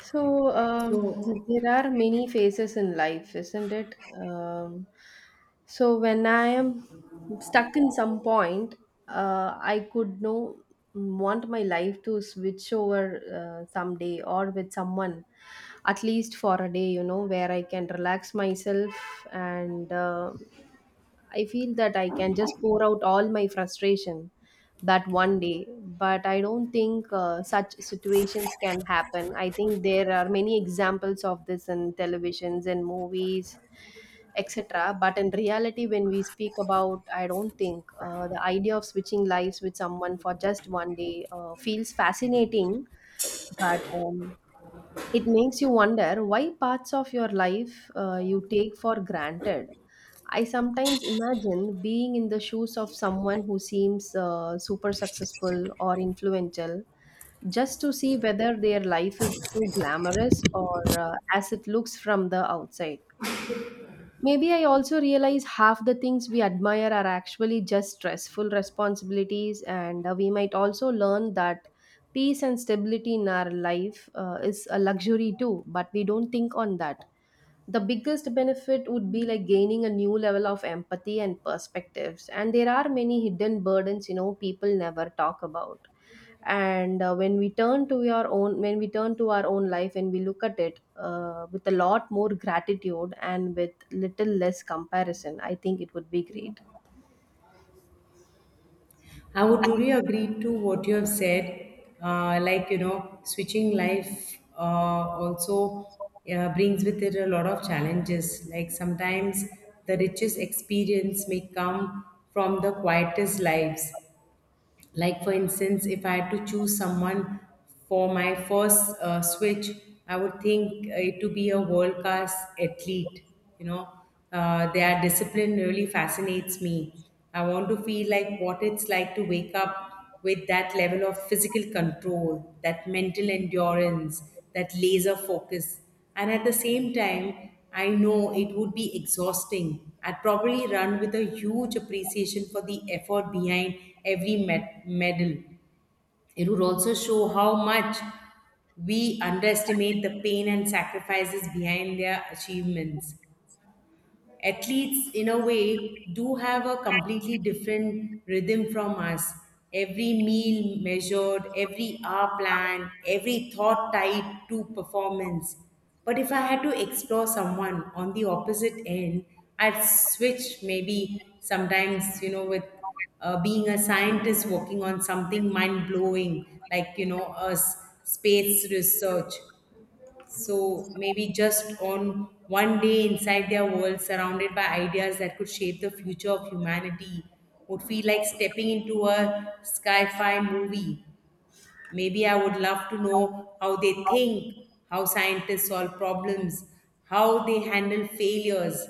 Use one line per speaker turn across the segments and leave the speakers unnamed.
So,
So
there are many phases in life, isn't it? Um, so, when I am stuck in some point, I could know want my life to switch over someday or with someone, at least for a day, where I can relax myself and I feel that I can just pour out all my frustration that one day, but I don't think such situations can happen. I think there are many examples of this in televisions and movies, etc. But in reality, when we speak about, I don't think the idea of switching lives with someone for just one day feels fascinating, but it makes you wonder why parts of your life you take for granted. I sometimes imagine being in the shoes of someone who seems super successful or influential, just to see whether their life is so glamorous or as it looks from the outside. Maybe I also realize half the things we admire are actually just stressful responsibilities, and we might also learn that peace and stability in our life is a luxury too, but we don't think on that. The biggest benefit would be like gaining a new level of empathy and perspectives, and there are many hidden burdens, people never talk about. And when we turn to our own life and we look at it with a lot more gratitude and with little less comparison, I think it would be great.
I would truly agree to what you have said. Like, you know, switching life also brings with it a lot of challenges. Like, sometimes the richest experience may come from the quietest lives. Like for instance if I had to choose someone for my first switch I would think it to be a world class athlete, you know, their discipline really fascinates me. I want to feel like what it's like to wake up with that level of physical control, that mental endurance, that laser focus. And at the same time, I know it would be exhausting. I'd probably run with a huge appreciation for the effort behind every medal. It would also show how much we underestimate the pain and sacrifices behind their achievements. Athletes in a way do have a completely different rhythm from us. Every meal measured, every hour planned, every thought tied to performance. But if I had to explore someone on the opposite end, I'd switch maybe sometimes, you know, with being a scientist working on something mind blowing, like, you know, space research, so maybe just on one day inside their world, surrounded by ideas that could shape the future of humanity, would feel like stepping into a sci-fi movie. Maybe I would love to know how they think, how scientists solve problems, how they handle failures.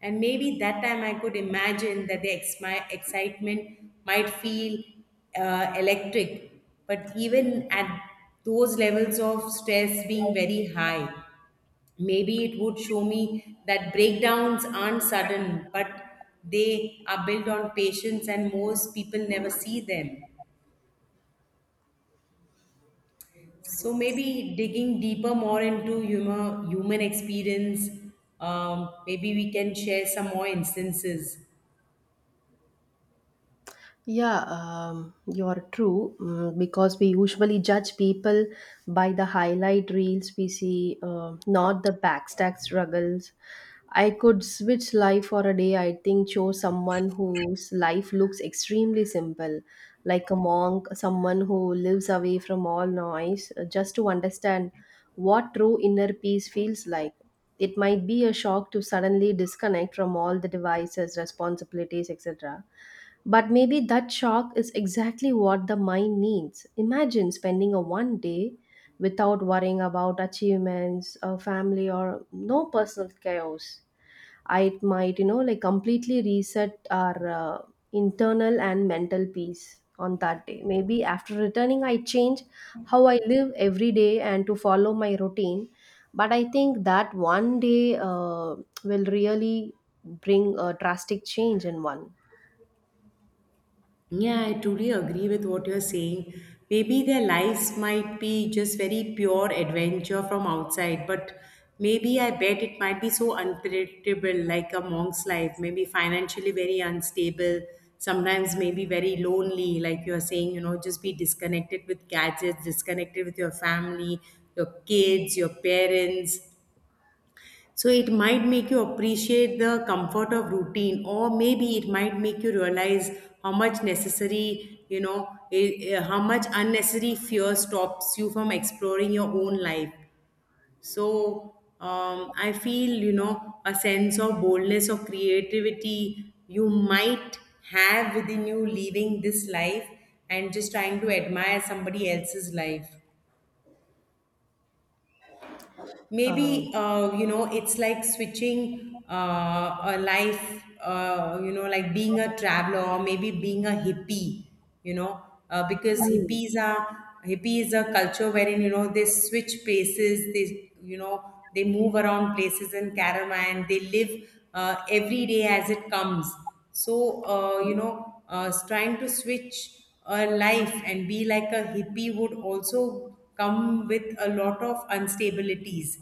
And maybe that time I could imagine that my excitement might feel electric, but even at those levels of stress being very high, maybe it would show me that breakdowns aren't sudden, but they are built on patience, and most people never see them. So maybe digging deeper more into human experience, maybe we can share some more instances.
Yeah, you're true. Because we usually judge people by the highlight reels we see, not the backstack struggles. I could switch life for a day, I think, chose someone whose life looks extremely simple, like a monk, someone who lives away from all noise, just to understand what true inner peace feels like. It might be a shock to suddenly disconnect from all the devices, responsibilities, etc. But maybe that shock is exactly what the mind needs. Imagine spending a one day without worrying about achievements, a family, or no personal chaos. I might, like completely reset our internal and mental peace on that day. Maybe after returning, I change how I live every day and to follow my routine. But I think that one day will really bring a drastic change in one.
Yeah, I truly agree with what you're saying. Maybe their lives might be just very pure adventure from outside, but maybe I bet it might be so unpredictable, like a monk's life, maybe financially very unstable, sometimes maybe very lonely, like you're saying, you know, just be disconnected with gadgets, disconnected with your family, your kids, your parents. So it might make you appreciate the comfort of routine, or maybe it might make you realize how much necessary, how much unnecessary fear stops you from exploring your own life. So I feel, you know, a sense of boldness or creativity you might have within you leaving this life and just trying to admire somebody else's life.
Um,
Maybe you know, it's like switching a life, you know, like being a traveler or maybe being a hippie, you know, because
Mm.
hippie is a culture wherein, you know, they switch places, they, you know, they move around places in caravan, they live every day as it comes. So you know, trying to switch a life and be like a hippie would also come with a lot of instabilities.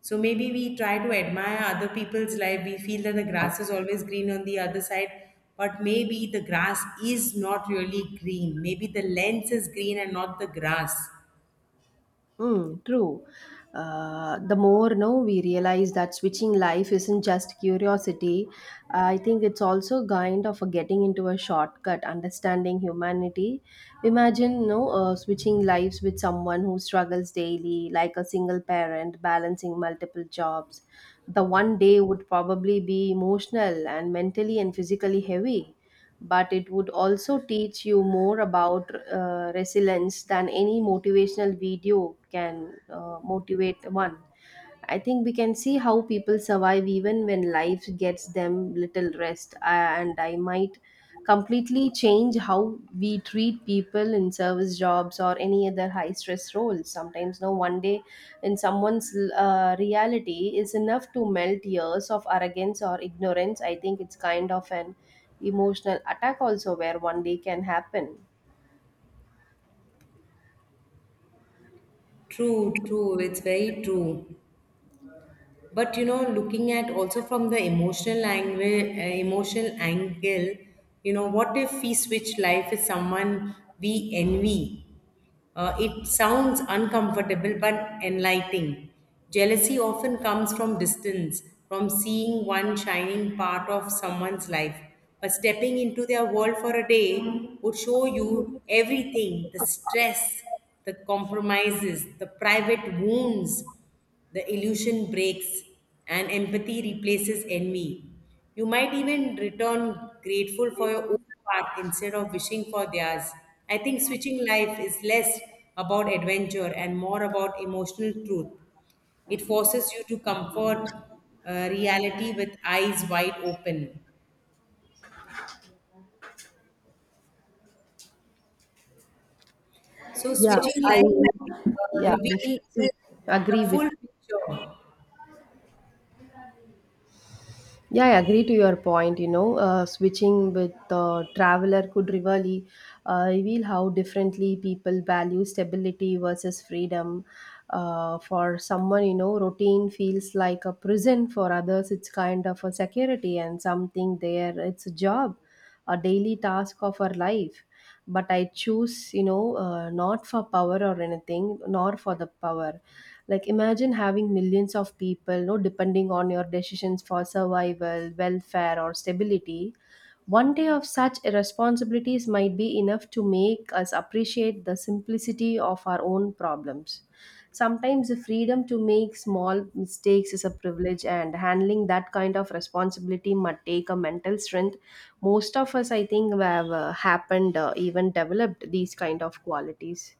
So maybe we try to admire other people's life. We feel that the grass is always green on the other side, but maybe the grass is not really green. Maybe the lens is green and not the grass.
Mm, true. The more no, we realize that switching life isn't just curiosity. I think it's also kind of a getting into a shortcut, understanding humanity. Imagine no switching lives with someone who struggles daily, like a single parent balancing multiple jobs. The one day would probably be emotional and mentally and physically heavy, but it would also teach you more about resilience than any motivational video can motivate one. I think we can see how people survive even when life gets them little rest. And I might completely change how we treat people in service jobs or any other high stress roles. Sometimes, no, one day in someone's reality is enough to melt years of arrogance or ignorance. I think it's kind of an emotional attack, also, where one day can happen.
True, true. It's very true. But you know, looking at also from the emotional angle, you know, what if we switch life with someone we envy? It sounds uncomfortable but enlightening. Jealousy often comes from distance, from seeing one shining part of someone's life. But stepping into their world for a day would show you everything: the stress, the compromises, the private wounds, the illusion breaks and empathy replaces envy. You might even return grateful for your own path instead of wishing for theirs. I think switching life is less about adventure and more about emotional truth. It forces you to comfort reality with eyes wide open. So,
So, yeah,
switching
I
life
yeah,
reveal
definitely agree
the
with.
full picture.
Yeah, I agree to your point. Switching with the traveler could really reveal how differently people value stability versus freedom. For someone, routine feels like a prison. For others, it's kind of a security and something there, it's a job, a daily task of our life. But I choose not for power or anything, nor for the power. Like imagine having millions of people depending on your decisions for survival, welfare, or stability. One day of such responsibilities might be enough to make us appreciate the simplicity of our own problems. Sometimes the freedom to make small mistakes is a privilege, and handling that kind of responsibility might take a mental strength. Most of us, I think, have happened, even developed these kind of qualities.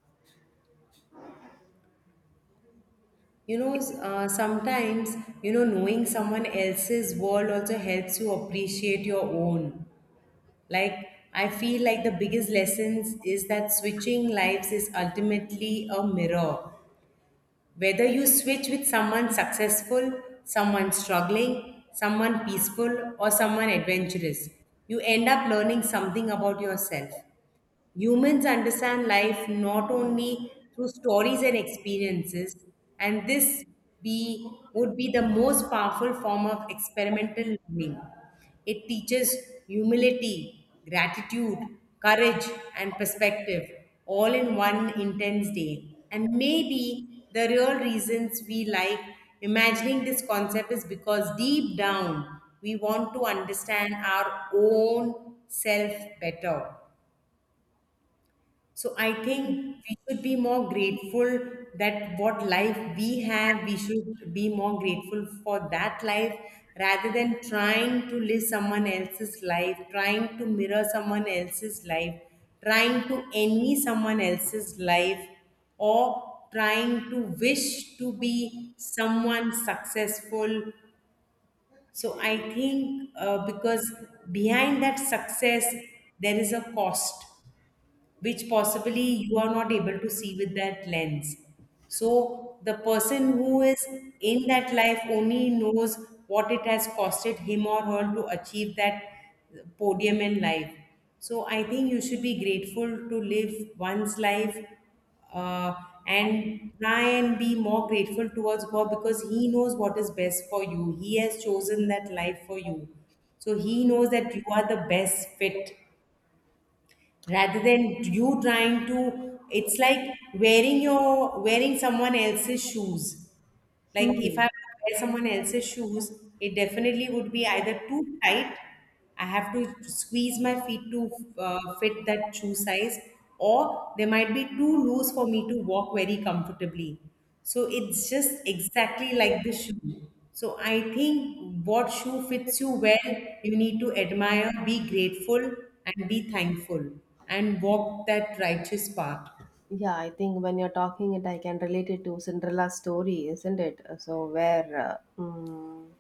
You know, sometimes, you know, knowing someone else's world also helps you appreciate your own. Like, I feel like the biggest lessons is that switching lives is ultimately a mirror. Whether you switch with someone successful, someone struggling, someone peaceful, or someone adventurous, you end up learning something about yourself. Humans understand life not only through stories and experiences, and this be would be the most powerful form of experimental learning. It teaches humility, gratitude, courage, and perspective all in one intense day. And maybe the real reasons we like imagining this concept is because deep down we want to understand our own self better. So I think we should be more grateful that what life we have, we should be more grateful for that life rather than trying to live someone else's life, trying to mirror someone else's life, trying to envy someone else's life, or trying to wish to be someone successful. So I think because behind that success, there is a cost which possibly you are not able to see with that lens. So the person who is in that life only knows what it has costed him or her to achieve that podium in life. So I think you should be grateful to live one's life uh, and try and be more grateful towards God because He knows what is best for you. He has chosen that life for you. So He knows that you are the best fit rather than you trying to, it's like wearing your wearing someone else's shoes. Like, if I
Hmm.
wear someone else's shoes, it definitely would be either too tight. I have to squeeze my feet to fit that shoe size, or they might be too loose for me to walk very comfortably. So it's just exactly like the shoe. So I think what shoe fits you well, you need to admire, be grateful, and be thankful, and walk that righteous path.
Yeah, I think when you're talking it, I can relate it to Cinderella's story, isn't it? So where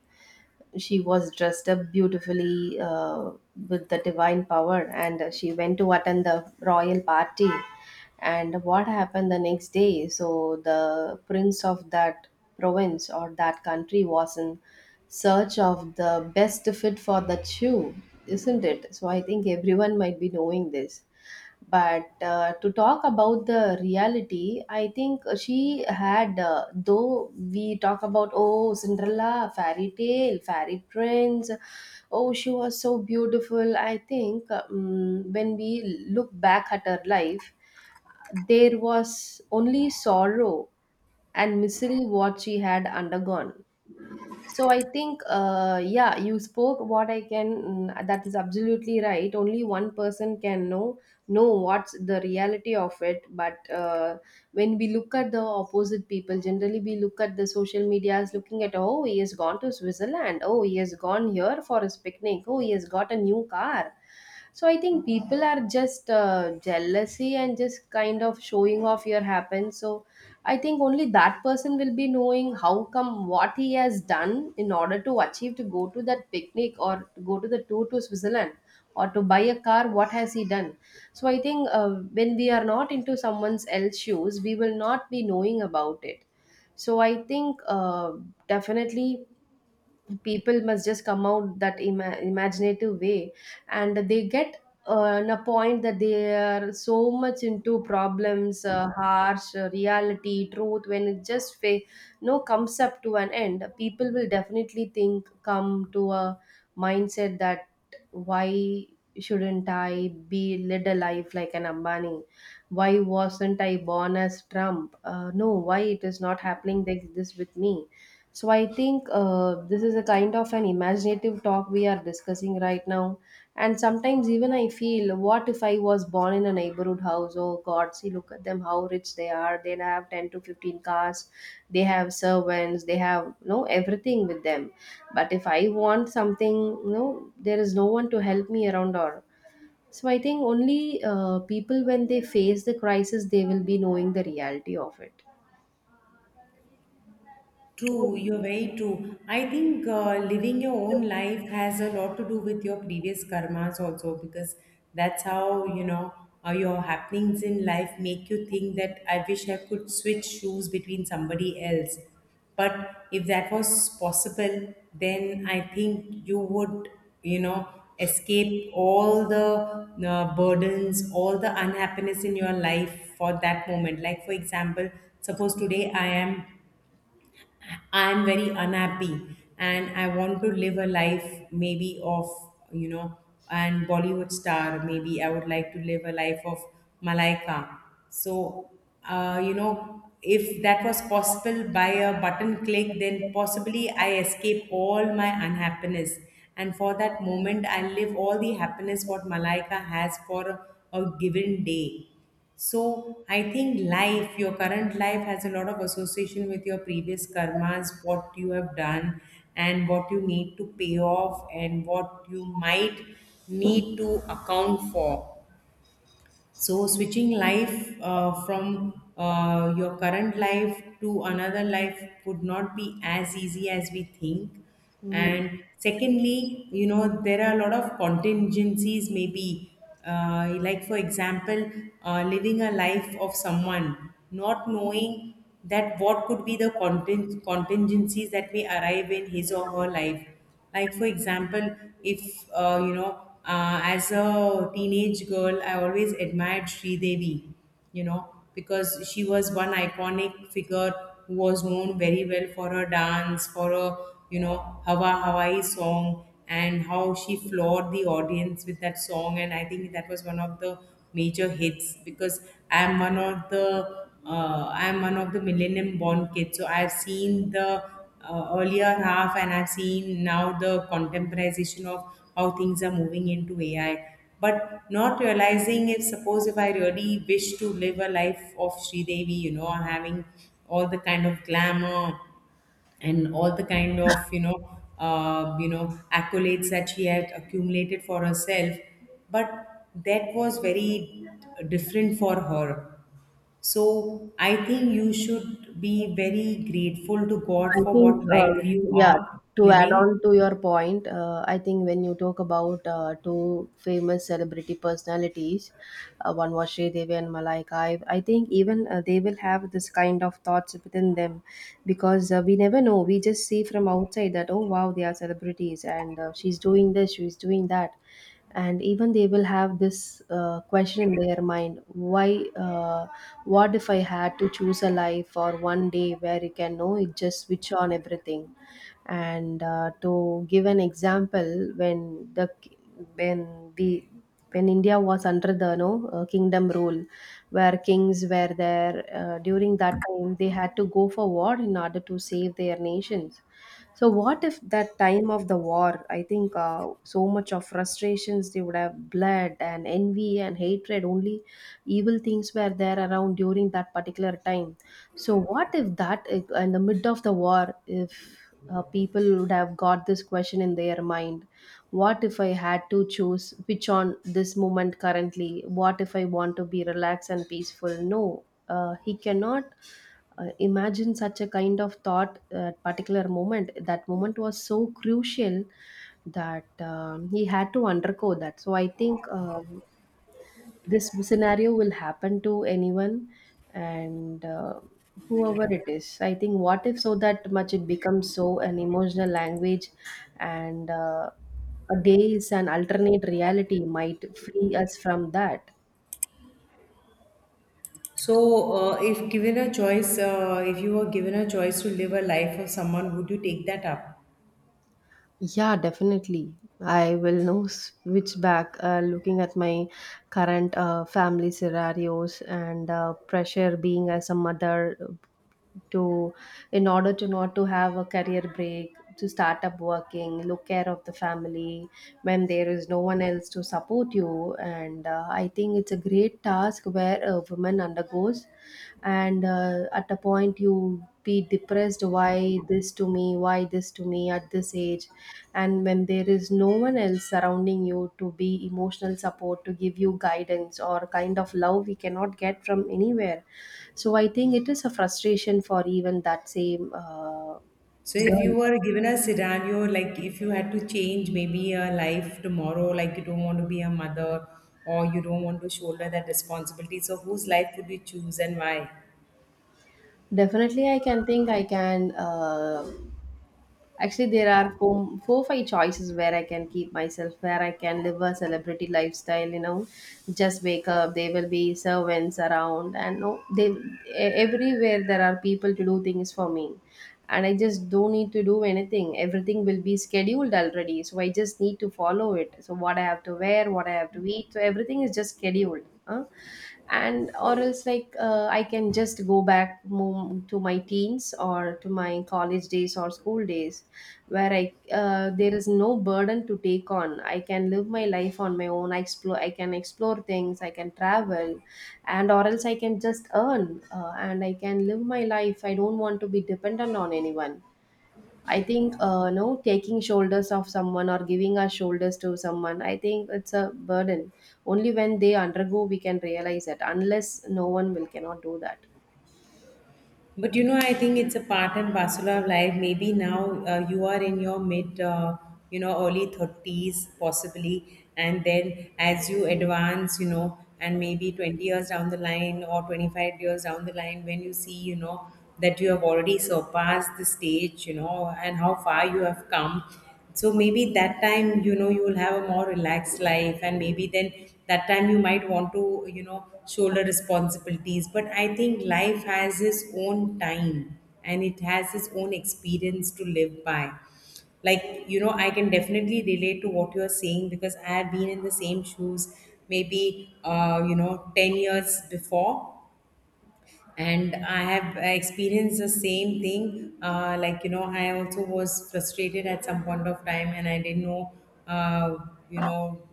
she was dressed up beautifully with the divine power, and she went to attend the royal party. And what happened the next day? So the prince of that province or that country was in search of the best fit for the shoe, isn't it? So I think everyone might be knowing this. But to talk about the reality, I think she had, though we talk about, oh, Cinderella, fairy tale, fairy prince, oh, she was so beautiful. I think when we look back at her life, there was only sorrow and misery what she had undergone. So I think, yeah, you spoke what I can. That is absolutely right. Only one person can know what's the reality of it. But when we look at the opposite people, generally we look at the social medias, looking at, oh, he has gone to Switzerland, oh, he has gone here for his picnic, oh, he has got a new car. So I think people are just jealousy and just kind of showing off your happen. So I think only that person will be knowing how come what he has done in order to achieve to go to that picnic or to go to the tour to Switzerland, or to buy a car, what has he done. So I think when we are not into someone's else shoes we will not be knowing about it. So I think definitely people must just come out that imaginative way, and they get in a point that they are so much into problems, harsh reality truth, when it just no comes up to an end, people will definitely think, come to a mindset that why shouldn't I be led a life like an Ambani. Why wasn't I born as Trump? No, why it is not happening like this with me? So I think this is a kind of an imaginative talk we are discussing right now. And sometimes even I feel, what if I was born in a neighborhood house? Oh God, see, look at them, how rich they are. They have 10 to 15 cars. They have servants. They have, no everything with them. But if I want something, no, there is no one to help me around, or so I think. Only people when they face the crisis, they will be knowing the reality of it.
True, you're very true. I think living your own life has a lot to do with your previous karmas also because that's how, you know, your happenings in life make you think that I wish I could switch shoes between somebody else. But if that was possible, then I think you would, you know, escape all the burdens, all the unhappiness in your life for that moment. Like, for example, suppose today I'm very unhappy and I want to live a life maybe of, you know, an Bollywood star. Maybe I would like to live a life of Malaika. So, you know, if that was possible by a button click, then possibly I escape all my unhappiness. And for that moment, I live all the happiness what Malaika has for a given day. So I think life, your current life has a lot of association with your previous karmas, what you have done and what you need to pay off and what you might need to account for. So, switching life from your current life to another life would not be as easy as we think.
Mm.
And secondly, you know, there are a lot of contingencies, maybe. Like, for example, living a life of someone, not knowing that what could be the contingencies that may arrive in his or her life. Like for example, if you know, as a teenage girl I always admired Devi, you know, because she was one iconic figure who was known very well for her dance, for her, you know, hawa hawaii song, and how she floored the audience with that song. And I think that was one of the major hits because i am one of the I am one of the millennium born kids, so I've seen the earlier half and I've seen now the contemporization of how things are moving into AI. But not realizing, if suppose if I really wish to live a life of Devi, you know, having all the kind of glamour and all the kind of, you know, you know, accolades that she had accumulated for herself, but that was very different for her. So I think you should be very grateful to God
I
for
think,
what life you
yeah,
are
to add
living.
on to your point, I think when you talk about two famous celebrity personalities, one was Sridevi and Malaika, I think even they will have this kind of thoughts within them, because we never know. We just see from outside that, oh, wow, they are celebrities and she's doing this, she's doing that. And even they will have this question in their mind, why uh, what if I had to choose a life for one day where you can know it just switch on everything. And to give an example, when the when the when india was under the no kingdom rule, where kings were there, during that time they had to go for war in order to save their nations. So what if that time of the war? I think so much of frustrations they would have, blood and envy and hatred. Only evil things were there around during that particular time. So what if that, if in the mid of the war, if people would have got this question in their mind, what if I had to choose which on this moment currently? What if I want to be relaxed and peaceful? No, he cannot imagine such a kind of thought at particular moment. That moment was so crucial that he had to undergo that. So I think this scenario will happen to anyone and whoever it is. I think what if so that much it becomes so an emotional language, and a day is alternate reality might free us from that.
So if given a choice, if you were given a choice to live a life of someone, would you take that up?
Yeah, definitely. I will now switch back, looking at my current family scenarios, and pressure being as a mother, to, in order to not to have a career break, to start up working, look care of the family when there is no one else to support you. And I think it's a great task where a woman undergoes. And at a point you be depressed, why this to me, why this to me at this age, and when there is no one else surrounding you to be emotional support, to give you guidance or kind of love we cannot get from anywhere. So I think it is a frustration for even that same
So if
girl.
you were given a scenario, like if you had to change maybe a life tomorrow, like you don't want to be a mother or you don't want to shoulder that responsibility, so whose life would you choose and why?
Definitely I can think, I can actually, there are five choices where I can keep myself, where I can live a celebrity lifestyle. You know, just wake up. There will be servants around, and no, everywhere there are people to do things for me, and I just don't need to do anything. Everything will be scheduled already, so I just need to follow it. So what I have to wear, what I have to eat, so everything is just scheduled, huh? And or else, like, I can just go back, move to my teens or to my college days or school days, where I there is no burden to take on. I can live my life on my own. I explore, I can explore things, I can travel. And or else I can just earn, and I can live my life. I don't want to be dependent on anyone. I think, no, taking shoulders of someone or giving our shoulders to someone, I think it's a burden. Only when they undergo, we can realize it. Unless no one will, cannot do that.
But you know, I think it's a part and parcel of life. Maybe now you are in your mid, you know, early 30s, possibly. And then as you advance, you know, and maybe 20 years down the line or 25 years down the line, when you see, you know, that you have already surpassed the stage, you know, and how far you have come. So maybe that time, you know, you will have a more relaxed life, and maybe then that time you might want to, you know, shoulder responsibilities. But I think life has its own time and it has its own experience to live by. Like, you know, I can definitely relate to what you're saying, because I have been in the same shoes maybe you know, 10 years before, and I have experienced the same thing. Like, you know, I also was frustrated at some point of time, and I didn't know uh, you know,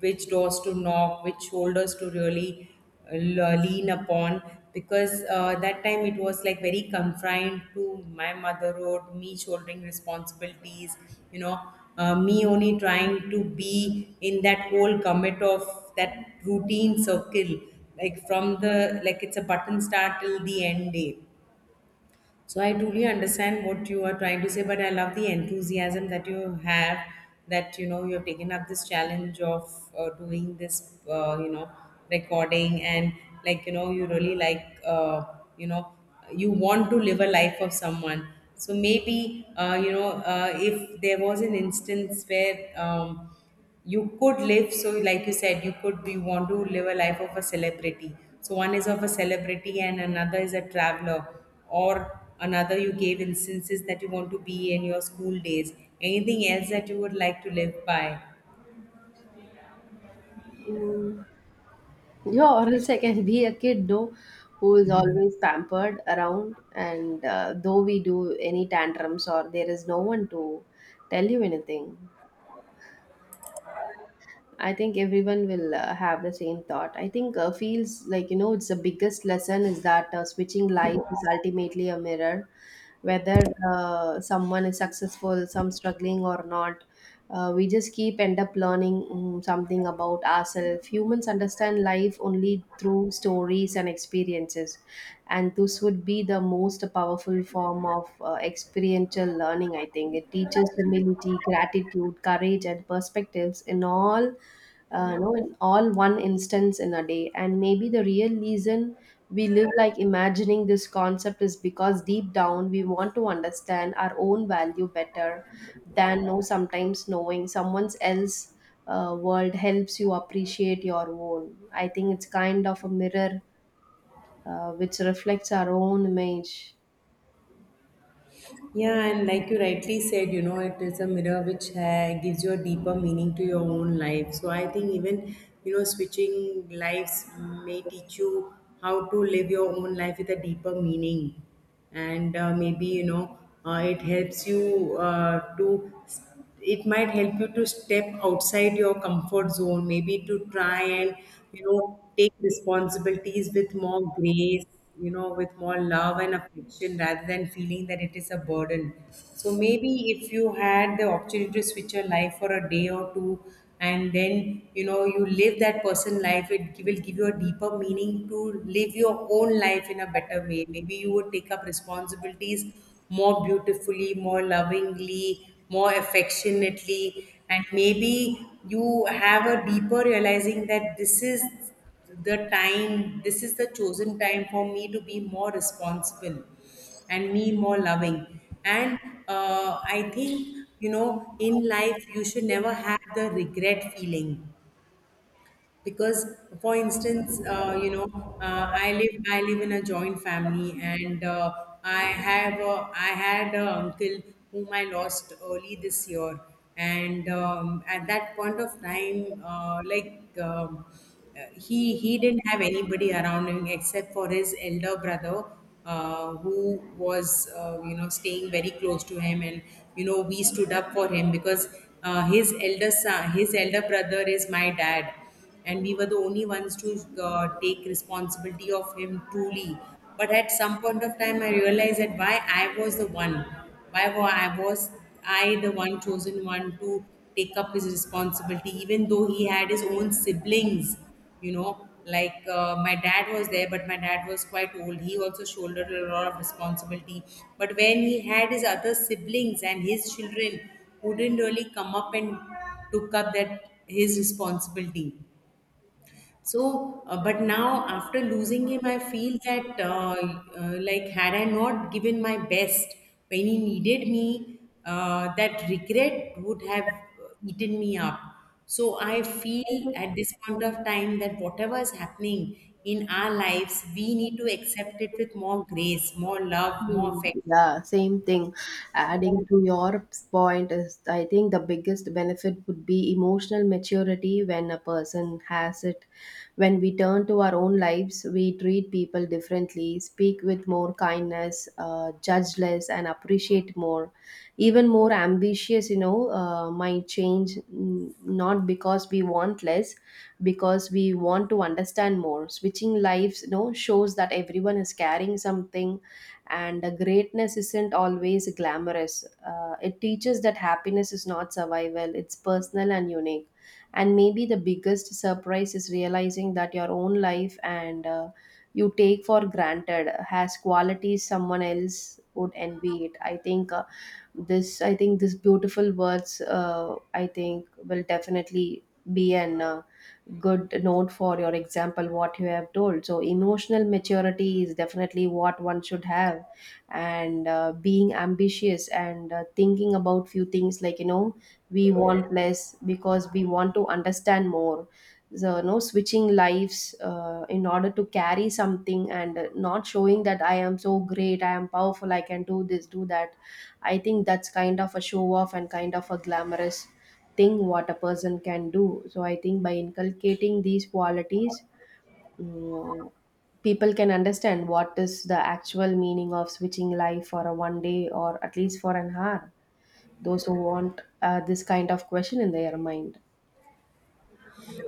which doors to knock, which shoulders to really lean upon. Because that time it was like very confined to my motherhood, me shouldering responsibilities, you know, me only trying to be in that whole commit of that routine circle, like from the, like it's a button start till the end day. So I truly understand what you are trying to say, but I love the enthusiasm that you have, that, you know, you have taken up this challenge of doing this, you know, recording. And like, you know, you really, like, you know, you want to live a life of someone. So maybe you know, if there was an instance where you could live, so like you said, you could be, want to live a life of a celebrity. So one is of a celebrity and another is a traveler, or another, you gave instances that you want to be in your school days. Anything else that you would like to live by?
Mm. Yeah, or else I can be a kid, though, who is always pampered around, and though we do any tantrums, or there is no one to tell you anything. I think everyone will have the same thought. I think, feels like, you know, it's the biggest lesson is that switching life is ultimately a mirror, whether someone is successful, some struggling or not. We just keep end up learning something about ourselves. Humans understand life only through stories and experiences, and this would be the most powerful form of experiential learning. I think it teaches humility, gratitude, courage, and perspectives in all no, in all one instance in a day. And maybe the real reason we live, like, imagining this concept is because deep down we want to understand our own value better than, know, sometimes knowing someone's else world helps you appreciate your own. I think it's kind of a mirror which reflects our own image.
Yeah, and like you rightly said, you know, it is a mirror which gives you a deeper meaning to your own life. So I think even, you know, switching lives may teach you how to live your own life with a deeper meaning. And maybe, you know, it helps you to it might help you to step outside your comfort zone, maybe to try and, you know, take responsibilities with more grace, you know, with more love and affection, rather than feeling that it is a burden. So maybe if you had the opportunity to switch your life for a day or two, and then, you know, you live that person life, it will give you a deeper meaning to live your own life in a better way. Maybe you would take up responsibilities more beautifully, more lovingly, more affectionately, and maybe you have a deeper realizing that this is the time, this is the chosen time for me to be more responsible and me more loving. And I think, you know, in life you should never have the regret feeling. Because for instance, you know, I live in a joint family, and I had an uncle whom I lost early this year. And at that point of time, like, he didn't have anybody around him except for his elder brother, who was, you know, staying very close to him. And you know, we stood up for him, because his elder brother is my dad, and we were the only ones to take responsibility of him truly. But at some point of time I realized that why I was the one, I was I the one chosen one to take up his responsibility, even though he had his own siblings, you know. Like, my dad was there, but my dad was quite old, he also shouldered a lot of responsibility. But when he had his other siblings and his children who didn't really come up and took up that his responsibility. So, but now after losing him, I feel that like, had I not given my best when he needed me, that regret would have eaten me up. So I feel at this point of time that whatever is happening in our lives, we need to accept it with more grace, more love, more
Mm.
affection.
Yeah, same thing. Adding to your point is, I think the biggest benefit would be emotional maturity when a person has it. When we turn to our own lives, we treat people differently, speak with more kindness, judge less, and appreciate more. Even more ambitious, you know, might change, not because we want less, because we want to understand more. Switching lives, you know, shows that everyone is carrying something, and greatness isn't always glamorous. It teaches that happiness is not survival, it's personal and unique. And maybe the biggest surprise is realizing that your own life and, you take for granted, has qualities someone else would envy it. I think, this beautiful words, I think will definitely be an good note for your example what you have told. So emotional maturity is definitely what one should have. And being ambitious and thinking about few things, like, you know, we want less because we want to understand more. So no, switching lives in order to carry something, and not showing that I am so great, I am powerful, I can do this, do that. I think that's kind of a show off and kind of a glamorous thing what a person can do. So I think by inculcating these qualities, mm, people can understand what is the actual meaning of switching life for a one day or at least for an hour. Those who want this kind of question in their mind.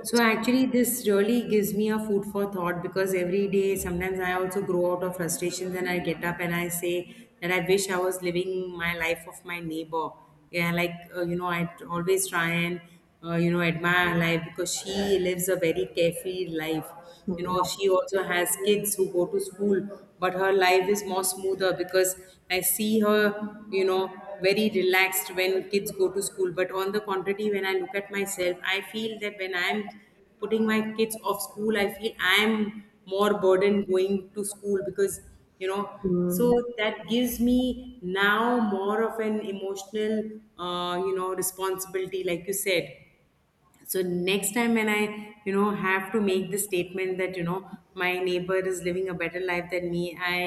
So actually, this really gives me a food for thought, because every day, sometimes I also grow out of frustrations, and I get up and I say that I wish I was living my life of my neighbor. Yeah, like, you know, always try and you know, admire her life, because she lives a very carefree life. You
Mm,
know, she also has kids who go to school, but her life is more smoother, because I see her, you know, very relaxed when kids go to school. But on the contrary, when I look at myself, I feel that when I'm putting my kids off school, I feel I'm more burdened going to school, because, you know, so
mm,
that gives me now more of an emotional, you know, responsibility, like you said. So next time when I, you know, have to make the statement that, you know, my neighbor is living a better life than me, I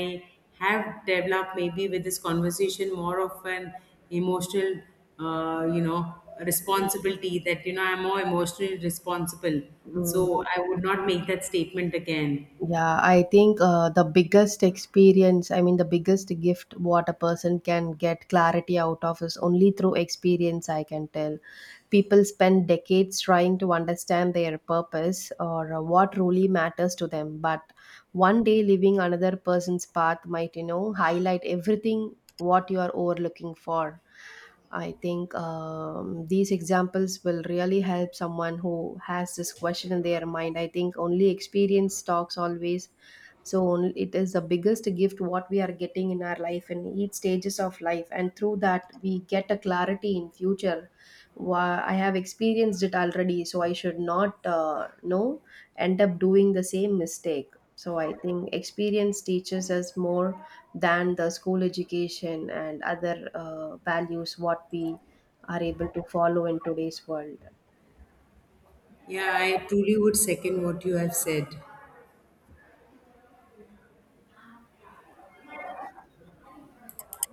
have developed, maybe with this conversation, more of an emotional, you know, responsibility, that, you know, I'm more emotionally responsible.
mm.
So I would not make that statement again.
Yeah, I think, the biggest experience, I mean, the biggest gift what a person can get clarity out of is only through experience, I can tell. People spend decades trying to understand their purpose or what really matters to them, but one day living another person's path might, you know, highlight everything what you are overlooking for. I think, these examples will really help someone who has this question in their mind. I think only experience talks always. It is the biggest gift what we are getting in our life in each stages of life, and through that we get a clarity in future. I have experienced it already, so I should not, know, end up doing the same mistake. So I think experience teaches us more than the school education and other values what we are able to follow in today's world.
Yeah, I truly would second what you have said.